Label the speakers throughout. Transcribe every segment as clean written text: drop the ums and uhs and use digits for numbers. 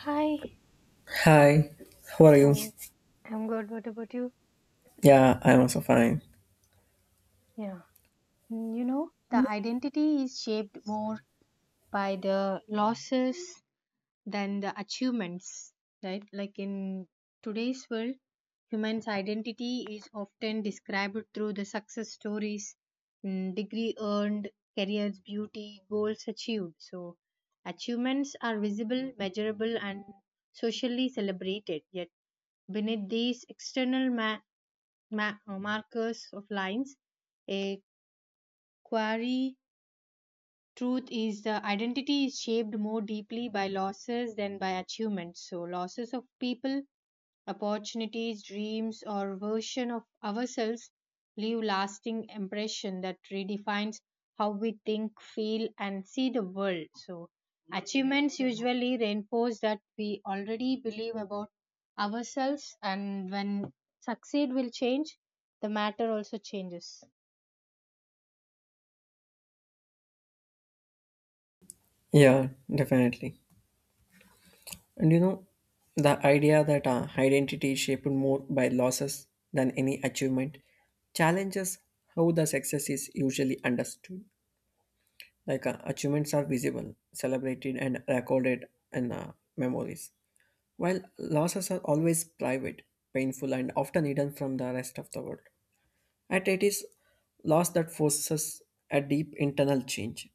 Speaker 1: Hi,
Speaker 2: Hi, how are you?
Speaker 1: hi. I'm good. What about you?
Speaker 2: Yeah, I'm also fine.
Speaker 1: Yeah. You know, the identity is shaped more by the losses than the achievements, right? Like in today's world, human's identity is often described through the success stories, degree earned, careers, beauty, goals achieved. So, achievements are visible, measurable, and socially celebrated. Yet, beneath these external markers of lines. A query truth is the identity is shaped more deeply by losses than by achievements. So, losses of people opportunities, dreams, or version of ourselves leave lasting impression that redefines how we think, feel, and see the world. So achievements usually reinforce that we already believe about ourselves, and when succeed will change, the matter also changes.
Speaker 2: Yeah, definitely. And you know, the idea that identity is shaped more by losses than any achievement challenges how the success is usually understood. Like achievements are visible, celebrated, and recorded in memories, while losses are always private, painful, and often hidden from the rest of the world. At it is loss that forces a deep internal change.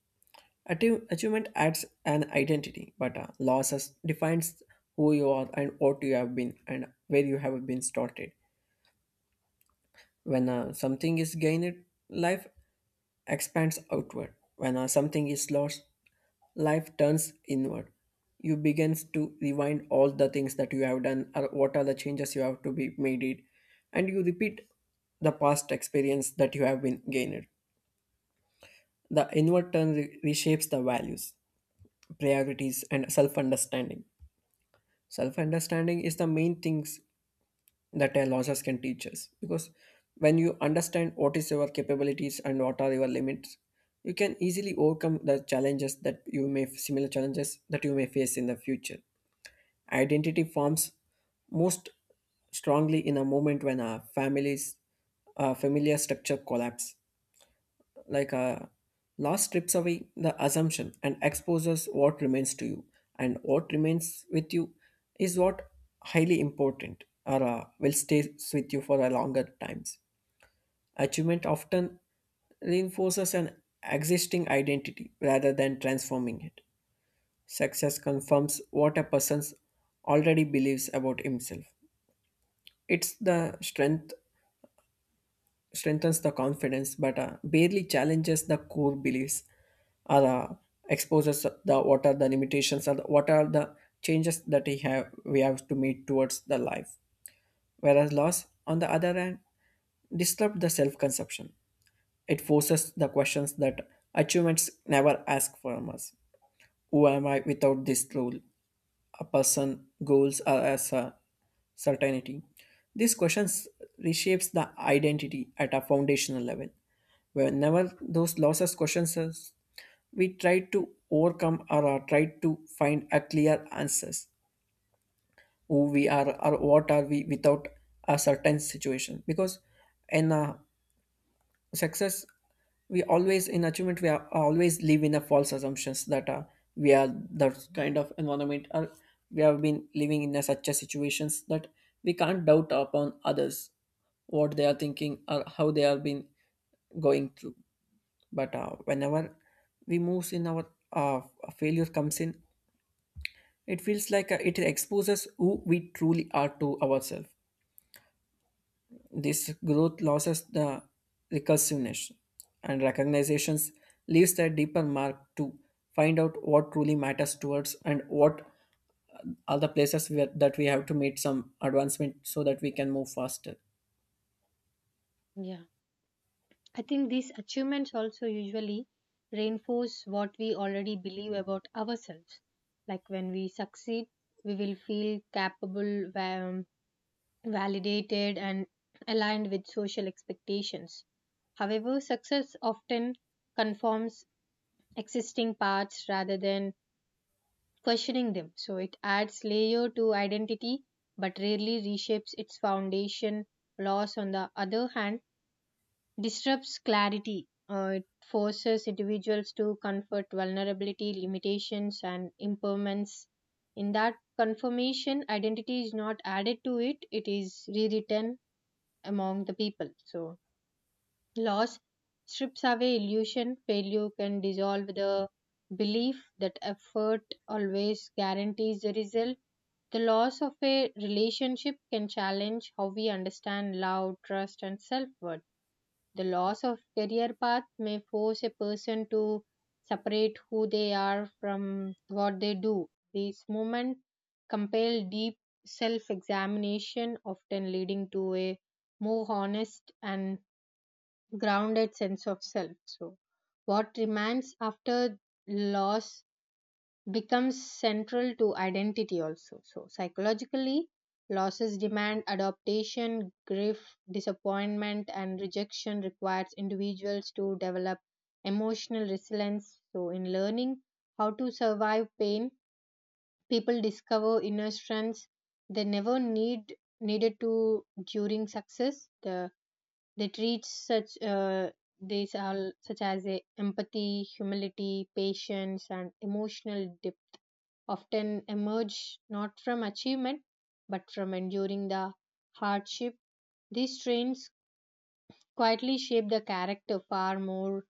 Speaker 2: Achievement adds an identity, but losses defines who you are and what you have been and where you have been started. When something is gained, life expands outward. When something is lost, life turns inward. You begins to rewind all the things that you have done or what are the changes you have to be made it, and you repeat the past experience that you have been gained. The inward turn reshapes the values, priorities and self-understanding. Self-understanding is the main things that a losses can teach us, because when you understand what is your capabilities and what are your limits, you can easily overcome the challenges that you may similar challenges that you may face in the future. Identity forms most strongly in a moment when our families familiar structure collapse, like a loss strips away the assumption and exposes what remains to you, and what remains with you is what highly important or will stay with you for a longer times. Achievement often reinforces an existing identity rather than transforming it. Success confirms what a person already believes about himself. It's the strengthens the confidence, but barely challenges the core beliefs or exposes the what are the limitations or the, what are the changes that we have to meet towards the life. Whereas loss on the other hand disrupt the self-conception. It forces the questions that achievements never ask from us. Who am I without this role? A person goals are as a certainty. These questions reshapes the identity at a foundational level. Whenever those losses questions us, we try to overcome or are try to find a clear answers who we are or what are we without a certain situation, because in a success we always in achievement we are always live in a false assumptions that we are the kind of environment or we have been living in a such a situations that we can't doubt upon others what they are thinking or how they have been going through. But whenever we moves in our uh, failure comes in, it feels like it exposes who we truly are to ourselves. This growth loses the recursiveness and recognitions leaves a deeper mark to find out what truly matters to us, and what are the places where, that we have to meet some advancement so that we can move faster.
Speaker 1: Yeah. I think these achievements also usually reinforce what we already believe about ourselves. Like when we succeed, we will feel capable, validated, and aligned with social expectations. However, success often conforms existing paths rather than questioning them. So it adds layer to identity but rarely reshapes its foundation. Loss, on the other hand, disrupts clarity. It forces individuals to confront vulnerability, limitations, and impairments. In that confirmation, identity is not added to it, it is rewritten among the people. So, loss strips away illusion, failure can dissolve the belief that effort always guarantees the result. The loss of a relationship can challenge how we understand love, trust, and self worth, the loss of career path may force a person to separate who they are from what they do. These moments compel deep self examination, often leading to a more honest and grounded sense of self. So, what remains after loss becomes central to identity also, so psychologically losses demand adaptation, grief, disappointment and rejection requires individuals to develop emotional resilience, so in learning how to survive pain people discover inner strengths they never needed to during success, they treat such these are such as empathy, humility, patience and emotional depth often emerge not from achievement but from enduring the hardship. These strains quietly shape the character far more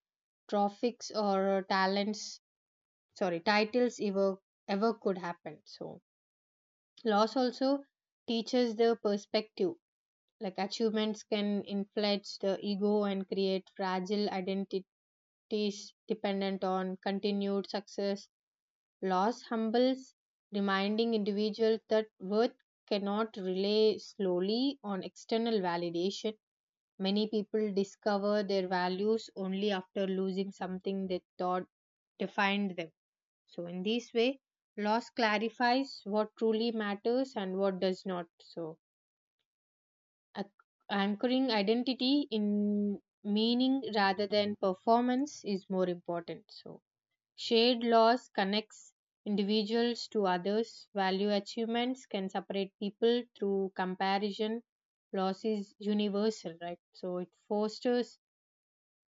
Speaker 1: trophics or talents, sorry, titles ever could happen. So loss also teaches the perspective. Like achievements can inflate the ego and create fragile identities dependent on continued success. Loss humbles, reminding individuals that worth cannot rely solely on external validation. Many people discover their values only after losing something they thought defined them. So, in this way, loss clarifies what truly matters and what does not. So, anchoring identity in meaning rather than performance is more important. So, shared loss connects individuals to others. Value achievements can separate people through comparison. Loss is universal, right? So it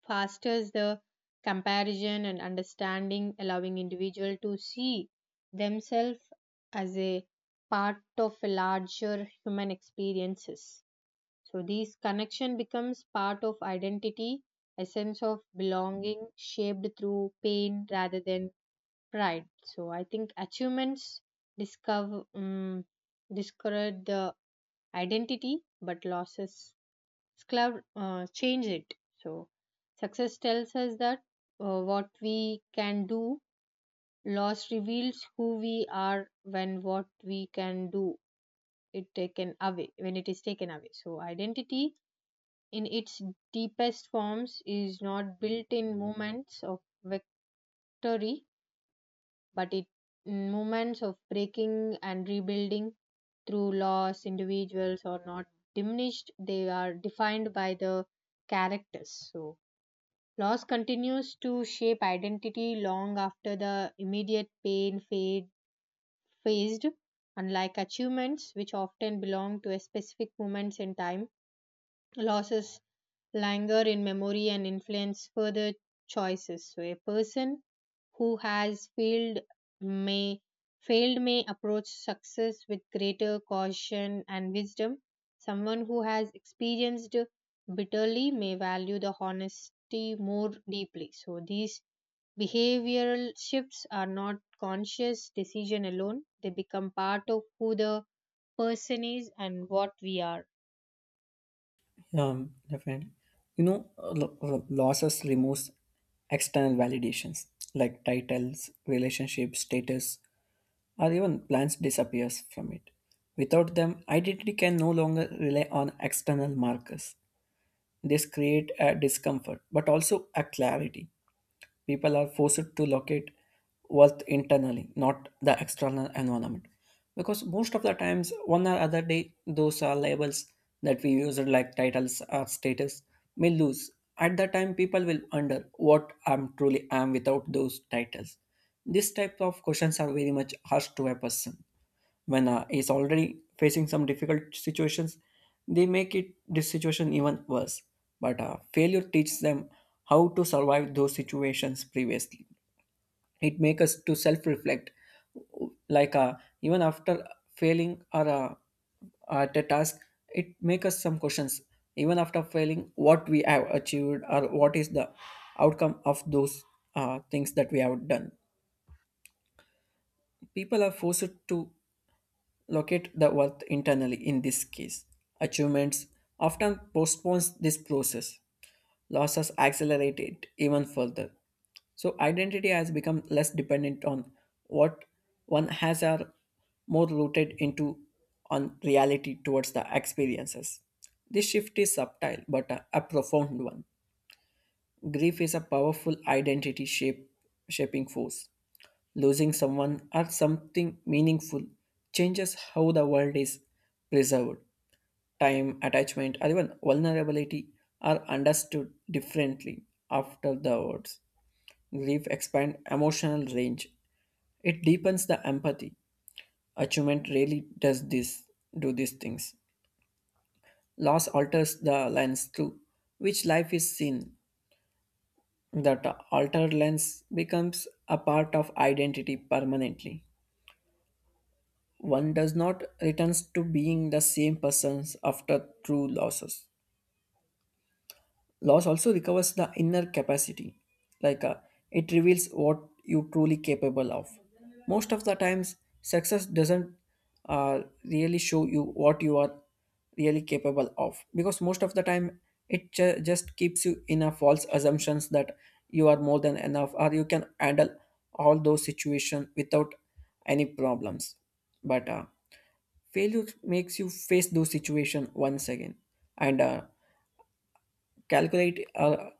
Speaker 1: fosters the comparison and understanding, allowing individual to see themselves as a part of a larger human experiences. So this connection becomes part of identity, a sense of belonging shaped through pain rather than right. So I think achievements discover um, discovered the identity, but losses change it. So success tells us that what we can do. Loss reveals who we are when what we can do it taken away when it is taken away. So identity in its deepest forms is not built in moments of victory but it moments of breaking and rebuilding through laws individuals are not diminished, they are defined by the characters, so loss continues to shape identity long after the immediate pain fade phased, unlike achievements which often belong to a specific moments in time, losses linger in memory and influence further choices. So, a person who has may failed may approach success with greater caution and wisdom. Someone who has experienced bitterly may value the honesty more deeply. So, these behavioral shifts are not conscious decision alone; they become part of who the person is and what we are.
Speaker 2: Definitely. You know, losses removes external validations like titles, relationships, status, or even plans disappears from it. Without them, identity can no longer rely on external markers. This create a discomfort, but also a clarity. People are forced to locate worth internally, not the external environment. Because most of the times, one or other day, those are labels that we use like titles or status may lose. At that time, people will wonder what I'm truly am without those titles. These type of questions are very much harsh to a person when is already facing some difficult situations, they make it this situation even worse. But failure teaches them how to survive those situations previously. It makes us to self reflect, like even after failing or at a task, it makes us some questions. Even after failing, what we have achieved or what is the outcome of those things that we have done. People are forced to locate the worth internally in this case. Achievements often postpones this process. Losses accelerate it even further. So identity has become less dependent on what one has are more rooted into on reality towards the experiences. This shift is subtle but a profound one. Grief is a powerful identity shape shaping force. Losing someone or something meaningful changes how the world is preserved. Time, attachment, or even vulnerability are understood differently after the words. Grief expands emotional range. It deepens the empathy. Achievement really does this, do these things. Loss alters the lens through which life is seen. That altered lens becomes a part of identity permanently. One does not returns to being the same persons after true losses. Loss also recovers the inner capacity, like it reveals what you truly capable of. Most of the times, success doesn't really show you what you are really capable of, because most of the time it just keeps you in a false assumptions that you are more than enough or you can handle all those situations without any problems. But failure makes you face those situations once again, and calculate,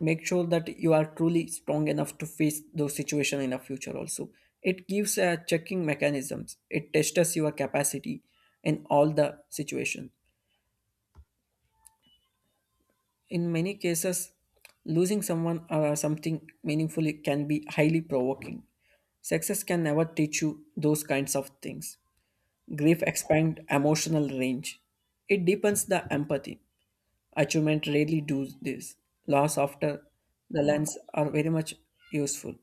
Speaker 2: make sure that you are truly strong enough to face those situations in the future also. It gives checking mechanisms. It tests your capacity in all the situations. In many cases, losing someone or something meaningfully can be highly provoking. Success can never teach you those kinds of things. Grief expands emotional range. It deepens the empathy. Achievement rarely does this. Loss after the
Speaker 1: Yeah.
Speaker 2: lens are very much useful.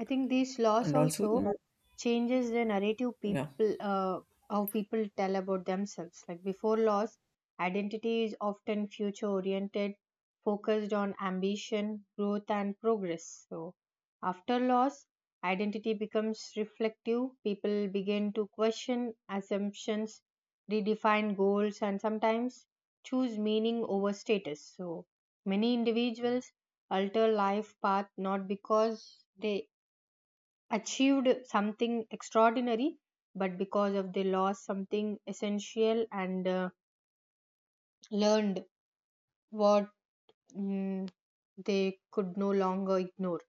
Speaker 1: I think these laws
Speaker 2: And also, you
Speaker 1: also
Speaker 2: know,
Speaker 1: changes the narrative
Speaker 2: yeah.
Speaker 1: people how people tell about themselves. Like before laws, identity is often future oriented, focused on ambition, growth and progress. So after laws, identity becomes reflective. People begin to question assumptions, redefine goals and sometimes choose meaning over status. So many individuals alter life path not because they achieved something extraordinary but because of they lost something essential and learned what mm, they could no longer ignore,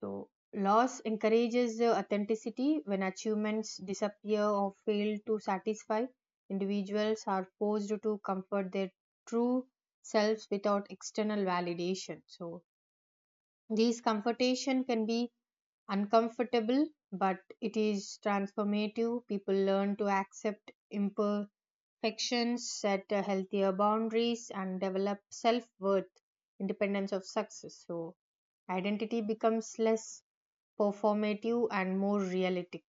Speaker 1: so loss encourages authenticity, when achievements disappear or fail to satisfy individuals are forced to comfort their true selves without external validation, so these comfortation can be uncomfortable, but it is transformative. People learn to accept imperfections, set healthier boundaries, and develop self worth, independence of success. So, identity becomes less performative and more realistic.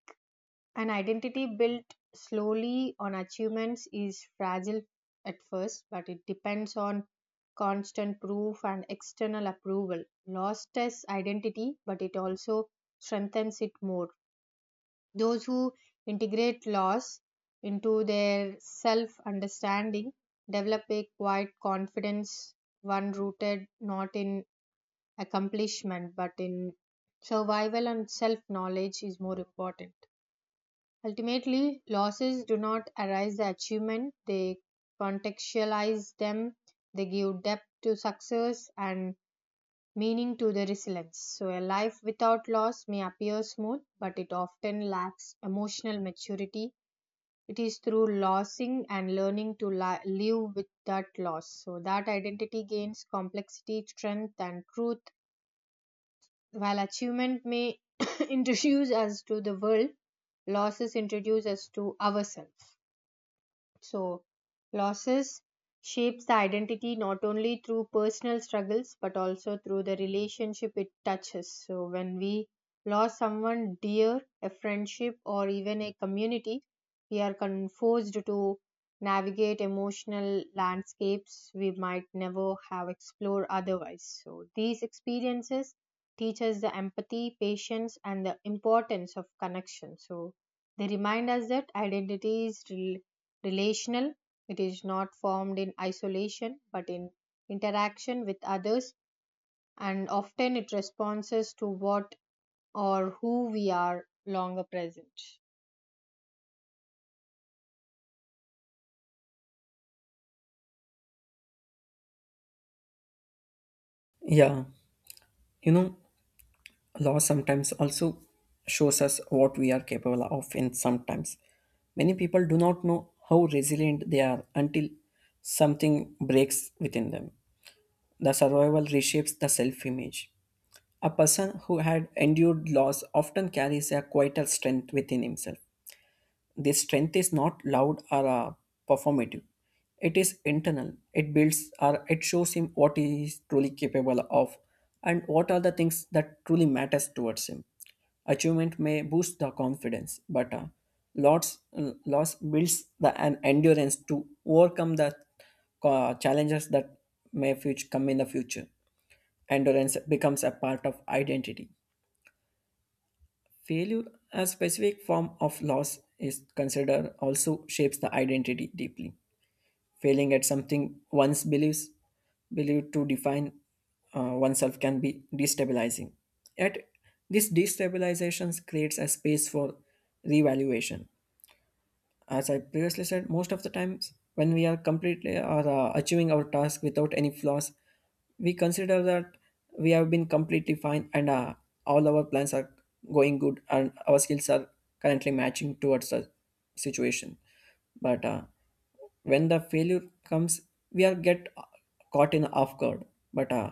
Speaker 1: An identity built slowly on achievements is fragile at first, but it depends on constant proof and external approval. Lost as identity, but it also strengthens it more. Those who integrate loss into their self understanding develop a quiet confidence, one rooted not in accomplishment but in survival and self knowledge is more important. Ultimately, losses do not erase the achievement, they contextualize them, they give depth to success and meaning to the resilience. So, a life without loss may appear smooth, but it often lacks emotional maturity. It is through losing and learning to live with that loss. So, that identity gains complexity, strength, and truth. While achievement may introduce us to the world, losses introduce us to ourselves. So, losses shapes the identity not only through personal struggles but also through the relationship it touches. So, when we lose someone dear, a friendship, or even a community, we are forced to navigate emotional landscapes we might never have explored otherwise. So, these experiences teach us the empathy, patience, and the importance of connection. So, they remind us that identity is relational. It is not formed in isolation but in interaction with others, and often it responds to what or who we are longer present.
Speaker 2: Yeah. You know, loss sometimes also shows us what we are capable of. And sometimes many people do not know how resilient they are until something breaks within them. The survival reshapes the self image. A person who had endured loss often carries a quieter strength within himself. Their strength is not loud or performative. It is internal. It builds or it shows him what he is truly capable of, and what are the things that truly matters towards him. Achievement may boost the confidence, but loss, loss builds the, an endurance to overcome the challenges that may future, come in the future. Endurance becomes a part of identity. Failure, a specific form of loss, is considered also shapes the identity deeply. Failing at something one's believes believed to define oneself can be destabilizing. Yet, this destabilization creates a space for revaluation. As I previously said, most of the times when we are completely or achieving our task without any flaws, we consider that we have been completely fine, and all our plans are going good and our skills are currently matching towards the situation. But when the failure comes, we are get caught in off guard. But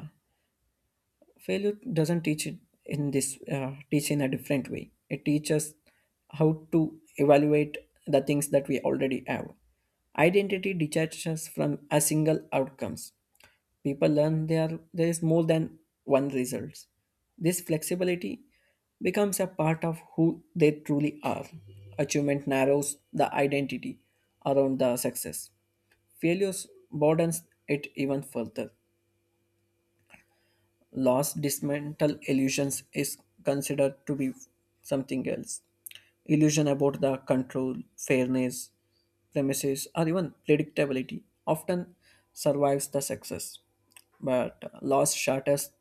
Speaker 2: failure doesn't teach it in this teach in a different way. It teaches how to evaluate the things that we already have. Identity detaches from a single outcomes. People learn there is more than one results. This flexibility becomes a part of who they truly are. Achievement narrows the identity around the success. Failures broadens it even further. Loss dismantle illusions is considered to be something else. Illusion about the control, fairness, premises, or even predictability often survives the success, but loss shatters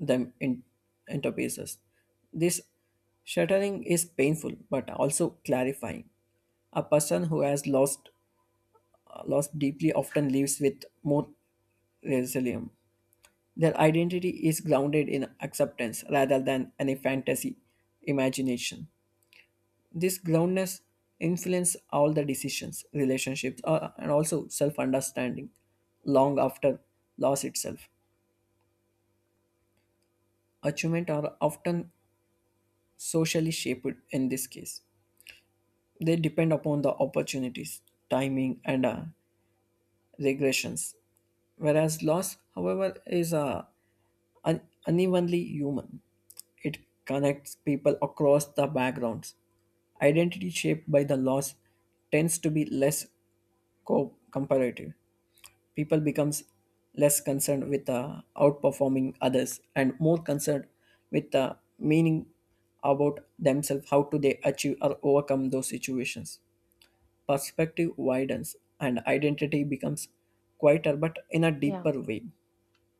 Speaker 2: them in, into pieces. This shattering is painful but also clarifying. A person who has lost deeply often lives with more resilience. Their identity is grounded in acceptance rather than any fantasy imagination. This groundness influences all the decisions, relationships, and also self understanding long after loss itself. Achievement are often socially shaped in this case. They depend upon the opportunities, timing, and regressions. Whereas loss, however, is a unevenly human. It connects people across the backgrounds. Identity shaped by the loss tends to be less comparative. People becomes less concerned with outperforming others and more concerned with the meaning about themselves, how do they achieve or overcome those situations. Perspective widens and identity becomes quieter but in a
Speaker 1: Yeah.
Speaker 2: deeper way.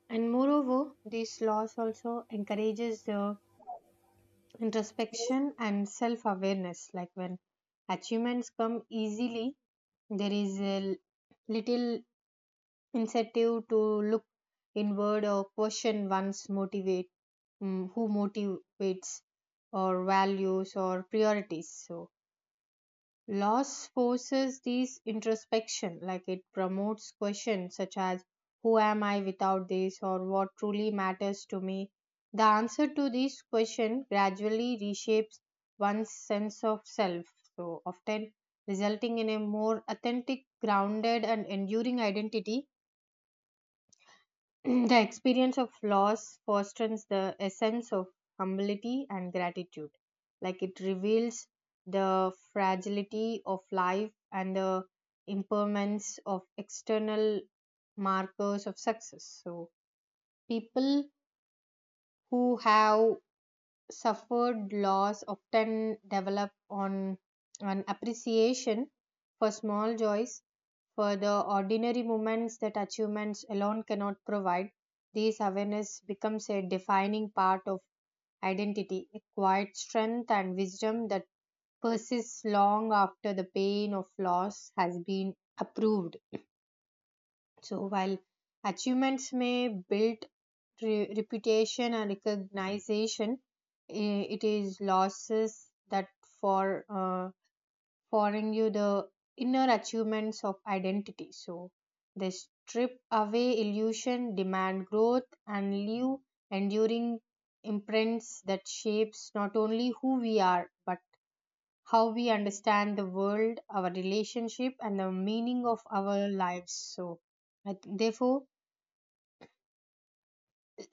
Speaker 1: And moreover, this loss also encourages the introspection and self awareness. Like when achievements come easily, there is a little incentive to look inward or question one's who motivates or values or priorities, so loss forces these introspection, like it promotes questions such as who am I without this or what truly matters to me, the answer to these questions gradually reshapes one's sense of self, so often resulting in a more authentic grounded and enduring identity. The experience of loss fosters the essence of humility and gratitude. Like it reveals the fragility of life and the impermanence of external markers of success. So, people who have suffered loss often develop on an appreciation for small joys, for the ordinary moments that achievements alone cannot provide, this awareness becomes a defining part of identity, a quiet strength and wisdom that persists long after the pain of loss has been approved. So, while achievements may build reputation and recognition, it is losses that for uh, foreign you the inner achievements of identity. So they strip away illusion, demand growth, and leave enduring imprints that shapes not only who we are but how we understand the world, our relationship, and the meaning of our lives. So, I therefore,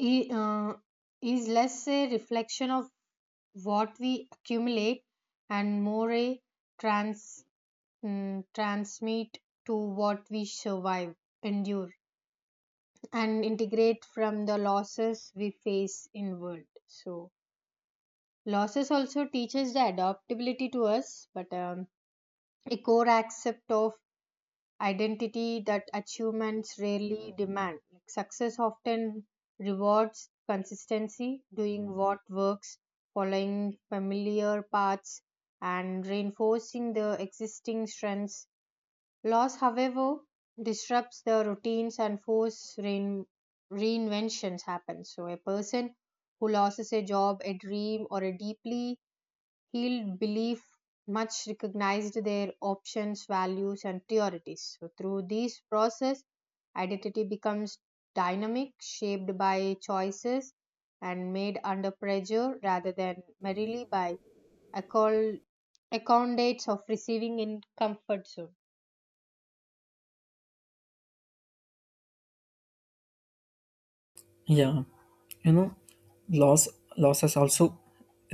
Speaker 1: i- uh, is less a reflection of what we accumulate and more a trans transmit to what we survive, endure, and integrate from the losses we face in world. So losses also teaches the adaptability to us, but a core accept of identity that achievements rarely demand. Like success often rewards consistency, doing what works, following familiar paths, and reinforcing the existing strengths. Loss, however, disrupts the routines and force reinventions happen. So a person who loses a job, a dream, or a deeply held belief much recognized their options, values, and priorities. So through this process, identity becomes dynamic, shaped by choices and made under pressure rather than merely by accol- accommodates of receiving in comfort zone.
Speaker 2: Yeah, you know, loss losses also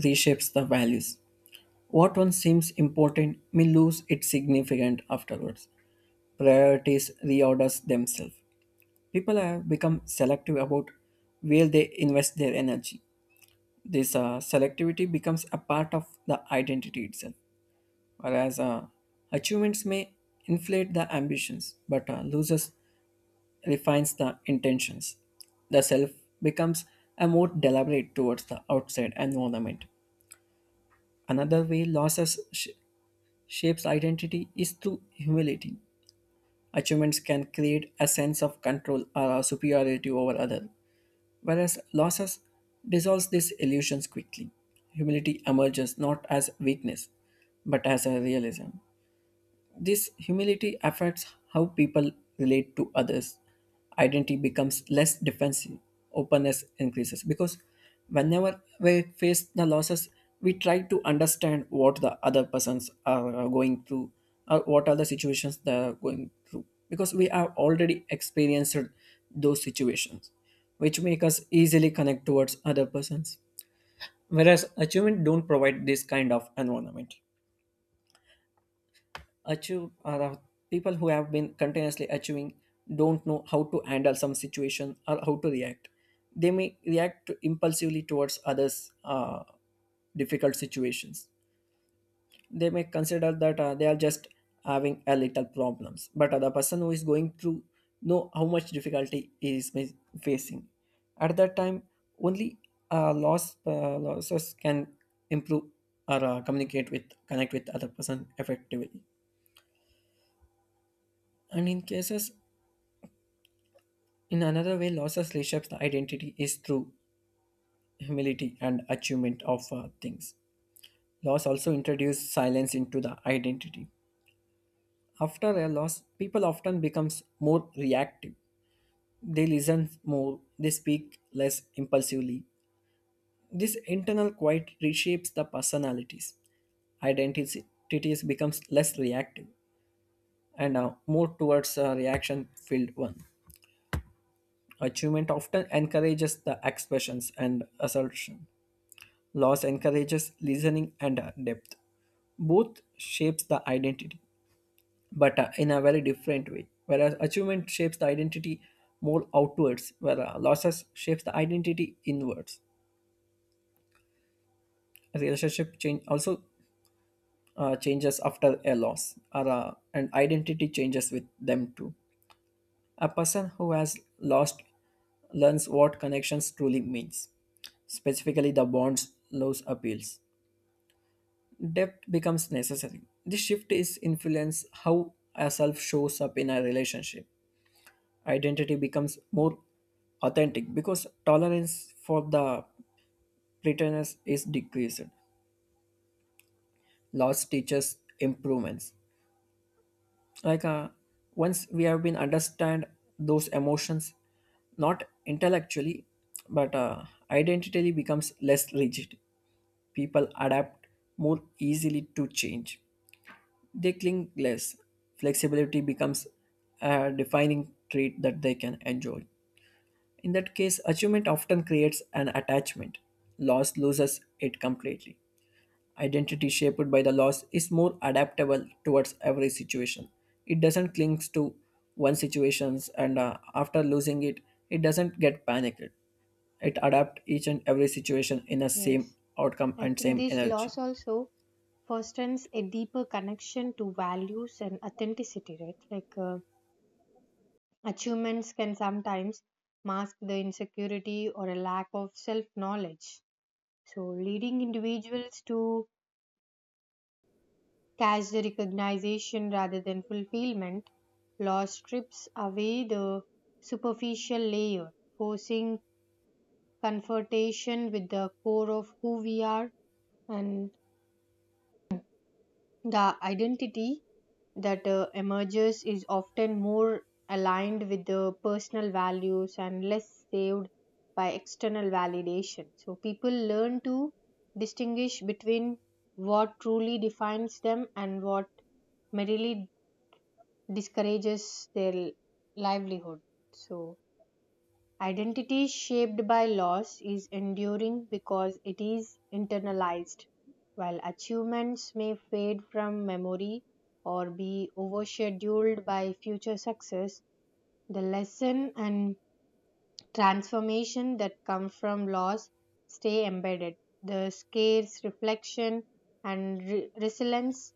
Speaker 2: reshapes the values. What once seems important may lose its significance afterwards. Priorities reorders themselves. People have become selective about where they invest their energy. This selectivity becomes a part of the identity itself. Whereas achievements may inflate the ambitions, but losers refines the intentions. The self becomes a more deliberate towards the outside environment. Another way shapes identity is through humility. Achievements can create a sense of control or superiority over others, whereas losses dissolves these illusions quickly. Humility emerges not as weakness, but as a realism. This humility affects how people relate to others. Identity becomes less defensive, openness increases, because whenever we face the losses, we try to understand what the other persons are going through, or what are the situations they are going through, because we have already experienced those situations, which make us easily connect towards other persons. Whereas achievement don't provide this kind of environment. Achieve uh, the people who have been continuously achieving don't know how to handle some situation or how to react. They may react impulsively towards others difficult situations. They may consider that they are just having a little problems, but the person who is going through know how much difficulty he is facing at that time. Only losses can improve or communicate with connect with other person effectively, and in cases. In another way, losses reshapes the identity is through humility and achievement of things. Loss also introduces silence into the identity. After a loss, people often becomes more reactive. They listen more, they speak less impulsively. This internal quiet reshapes the personalities. Identities becomes less reactive and more towards a reaction-filled one. Achievement often encourages the expressions and assertion. Loss encourages listening and depth. Both shapes the identity, but in a very different way. Whereas achievement shapes the identity more outwards, where losses shapes the identity inwards. A relationship change also changes after a loss, or, and identity changes with them too. A person who has lost learns what connections truly means, specifically the bonds loss appeals. Depth becomes necessary. This shift is influence how a self shows up in a relationship. Identity becomes more authentic because tolerance for the pretense is decreased. Loss teaches improvements. Like once we have been understand those emotions, not intellectually, but identity becomes less rigid. People adapt more easily to change. They cling less. Flexibility becomes a defining trait that they can enjoy. In that case, achievement often creates an attachment. Loss loses it completely. Identity shaped by the loss is more adaptable towards every situation. It doesn't cling to one situations, and after losing it, it doesn't get panicked. It adapts each and every situation in the same
Speaker 1: Yes.
Speaker 2: outcome
Speaker 1: I
Speaker 2: and
Speaker 1: think
Speaker 2: same
Speaker 1: this
Speaker 2: energy.
Speaker 1: loss also fosters a deeper connection to values and authenticity, right? Like achievements can sometimes mask the insecurity or a lack of self knowledge. So, leading individuals to catch the recognition rather than fulfillment, loss strips away the superficial layer, forcing confrontation with the core of who we are, and the identity that emerges is often more aligned with the personal values and less saved by external validation. So people learn to distinguish between what truly defines them and what merely discourages their livelihood. So identity shaped by loss is enduring because it is internalized, while achievements may fade from memory or be overshadowed by future success. The lesson and transformation that come from loss stay embedded. The scarce reflection and resilience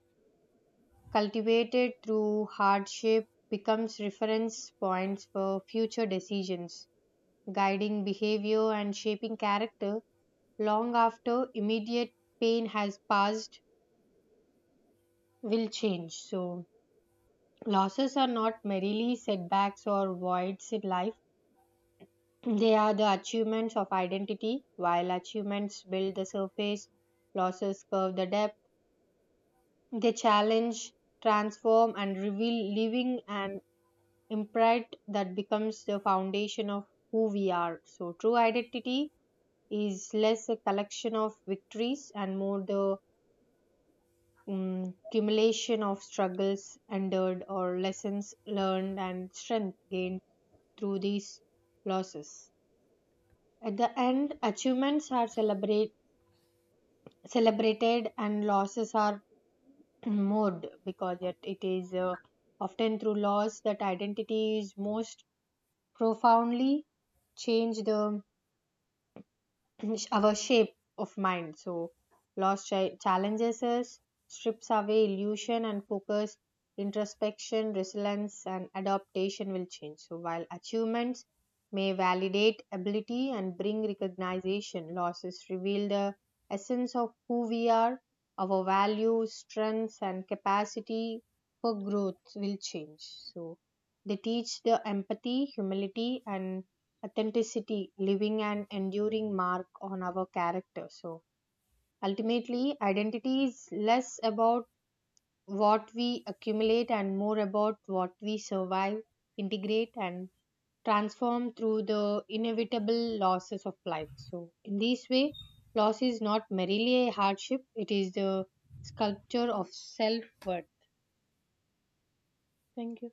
Speaker 1: cultivated through hardship becomes reference points for future decisions guiding behavior and shaping character long after immediate pain has passed will change. So, losses are not merely setbacks or voids in life, they are the achievements of identity. While achievements build the surface, losses curve the depth. They challenge, transform, and reveal living an imprint that becomes the foundation of who we are. So, true identity is less a collection of victories and more the accumulation of struggles endured or lessons learned and strength gained through these losses. At the end, achievements are celebrated and losses are mourned because it is often through loss that identity is most profoundly changed. The our shape of mind. So, loss challenges us, strips away illusion and focus, introspection, resilience, and adaptation will change. So, while achievements may validate ability and bring recognition, losses reveal the essence of who we are, our values, strengths, and capacity for growth will change. So, they teach the empathy, humility, and authenticity, living and enduring mark on our character. So ultimately, identity is less about what we accumulate and more about what we survive, integrate, and transform through the inevitable losses of life. So, in this way, loss is not merely a hardship, it is the sculpture of self worth. Thank you.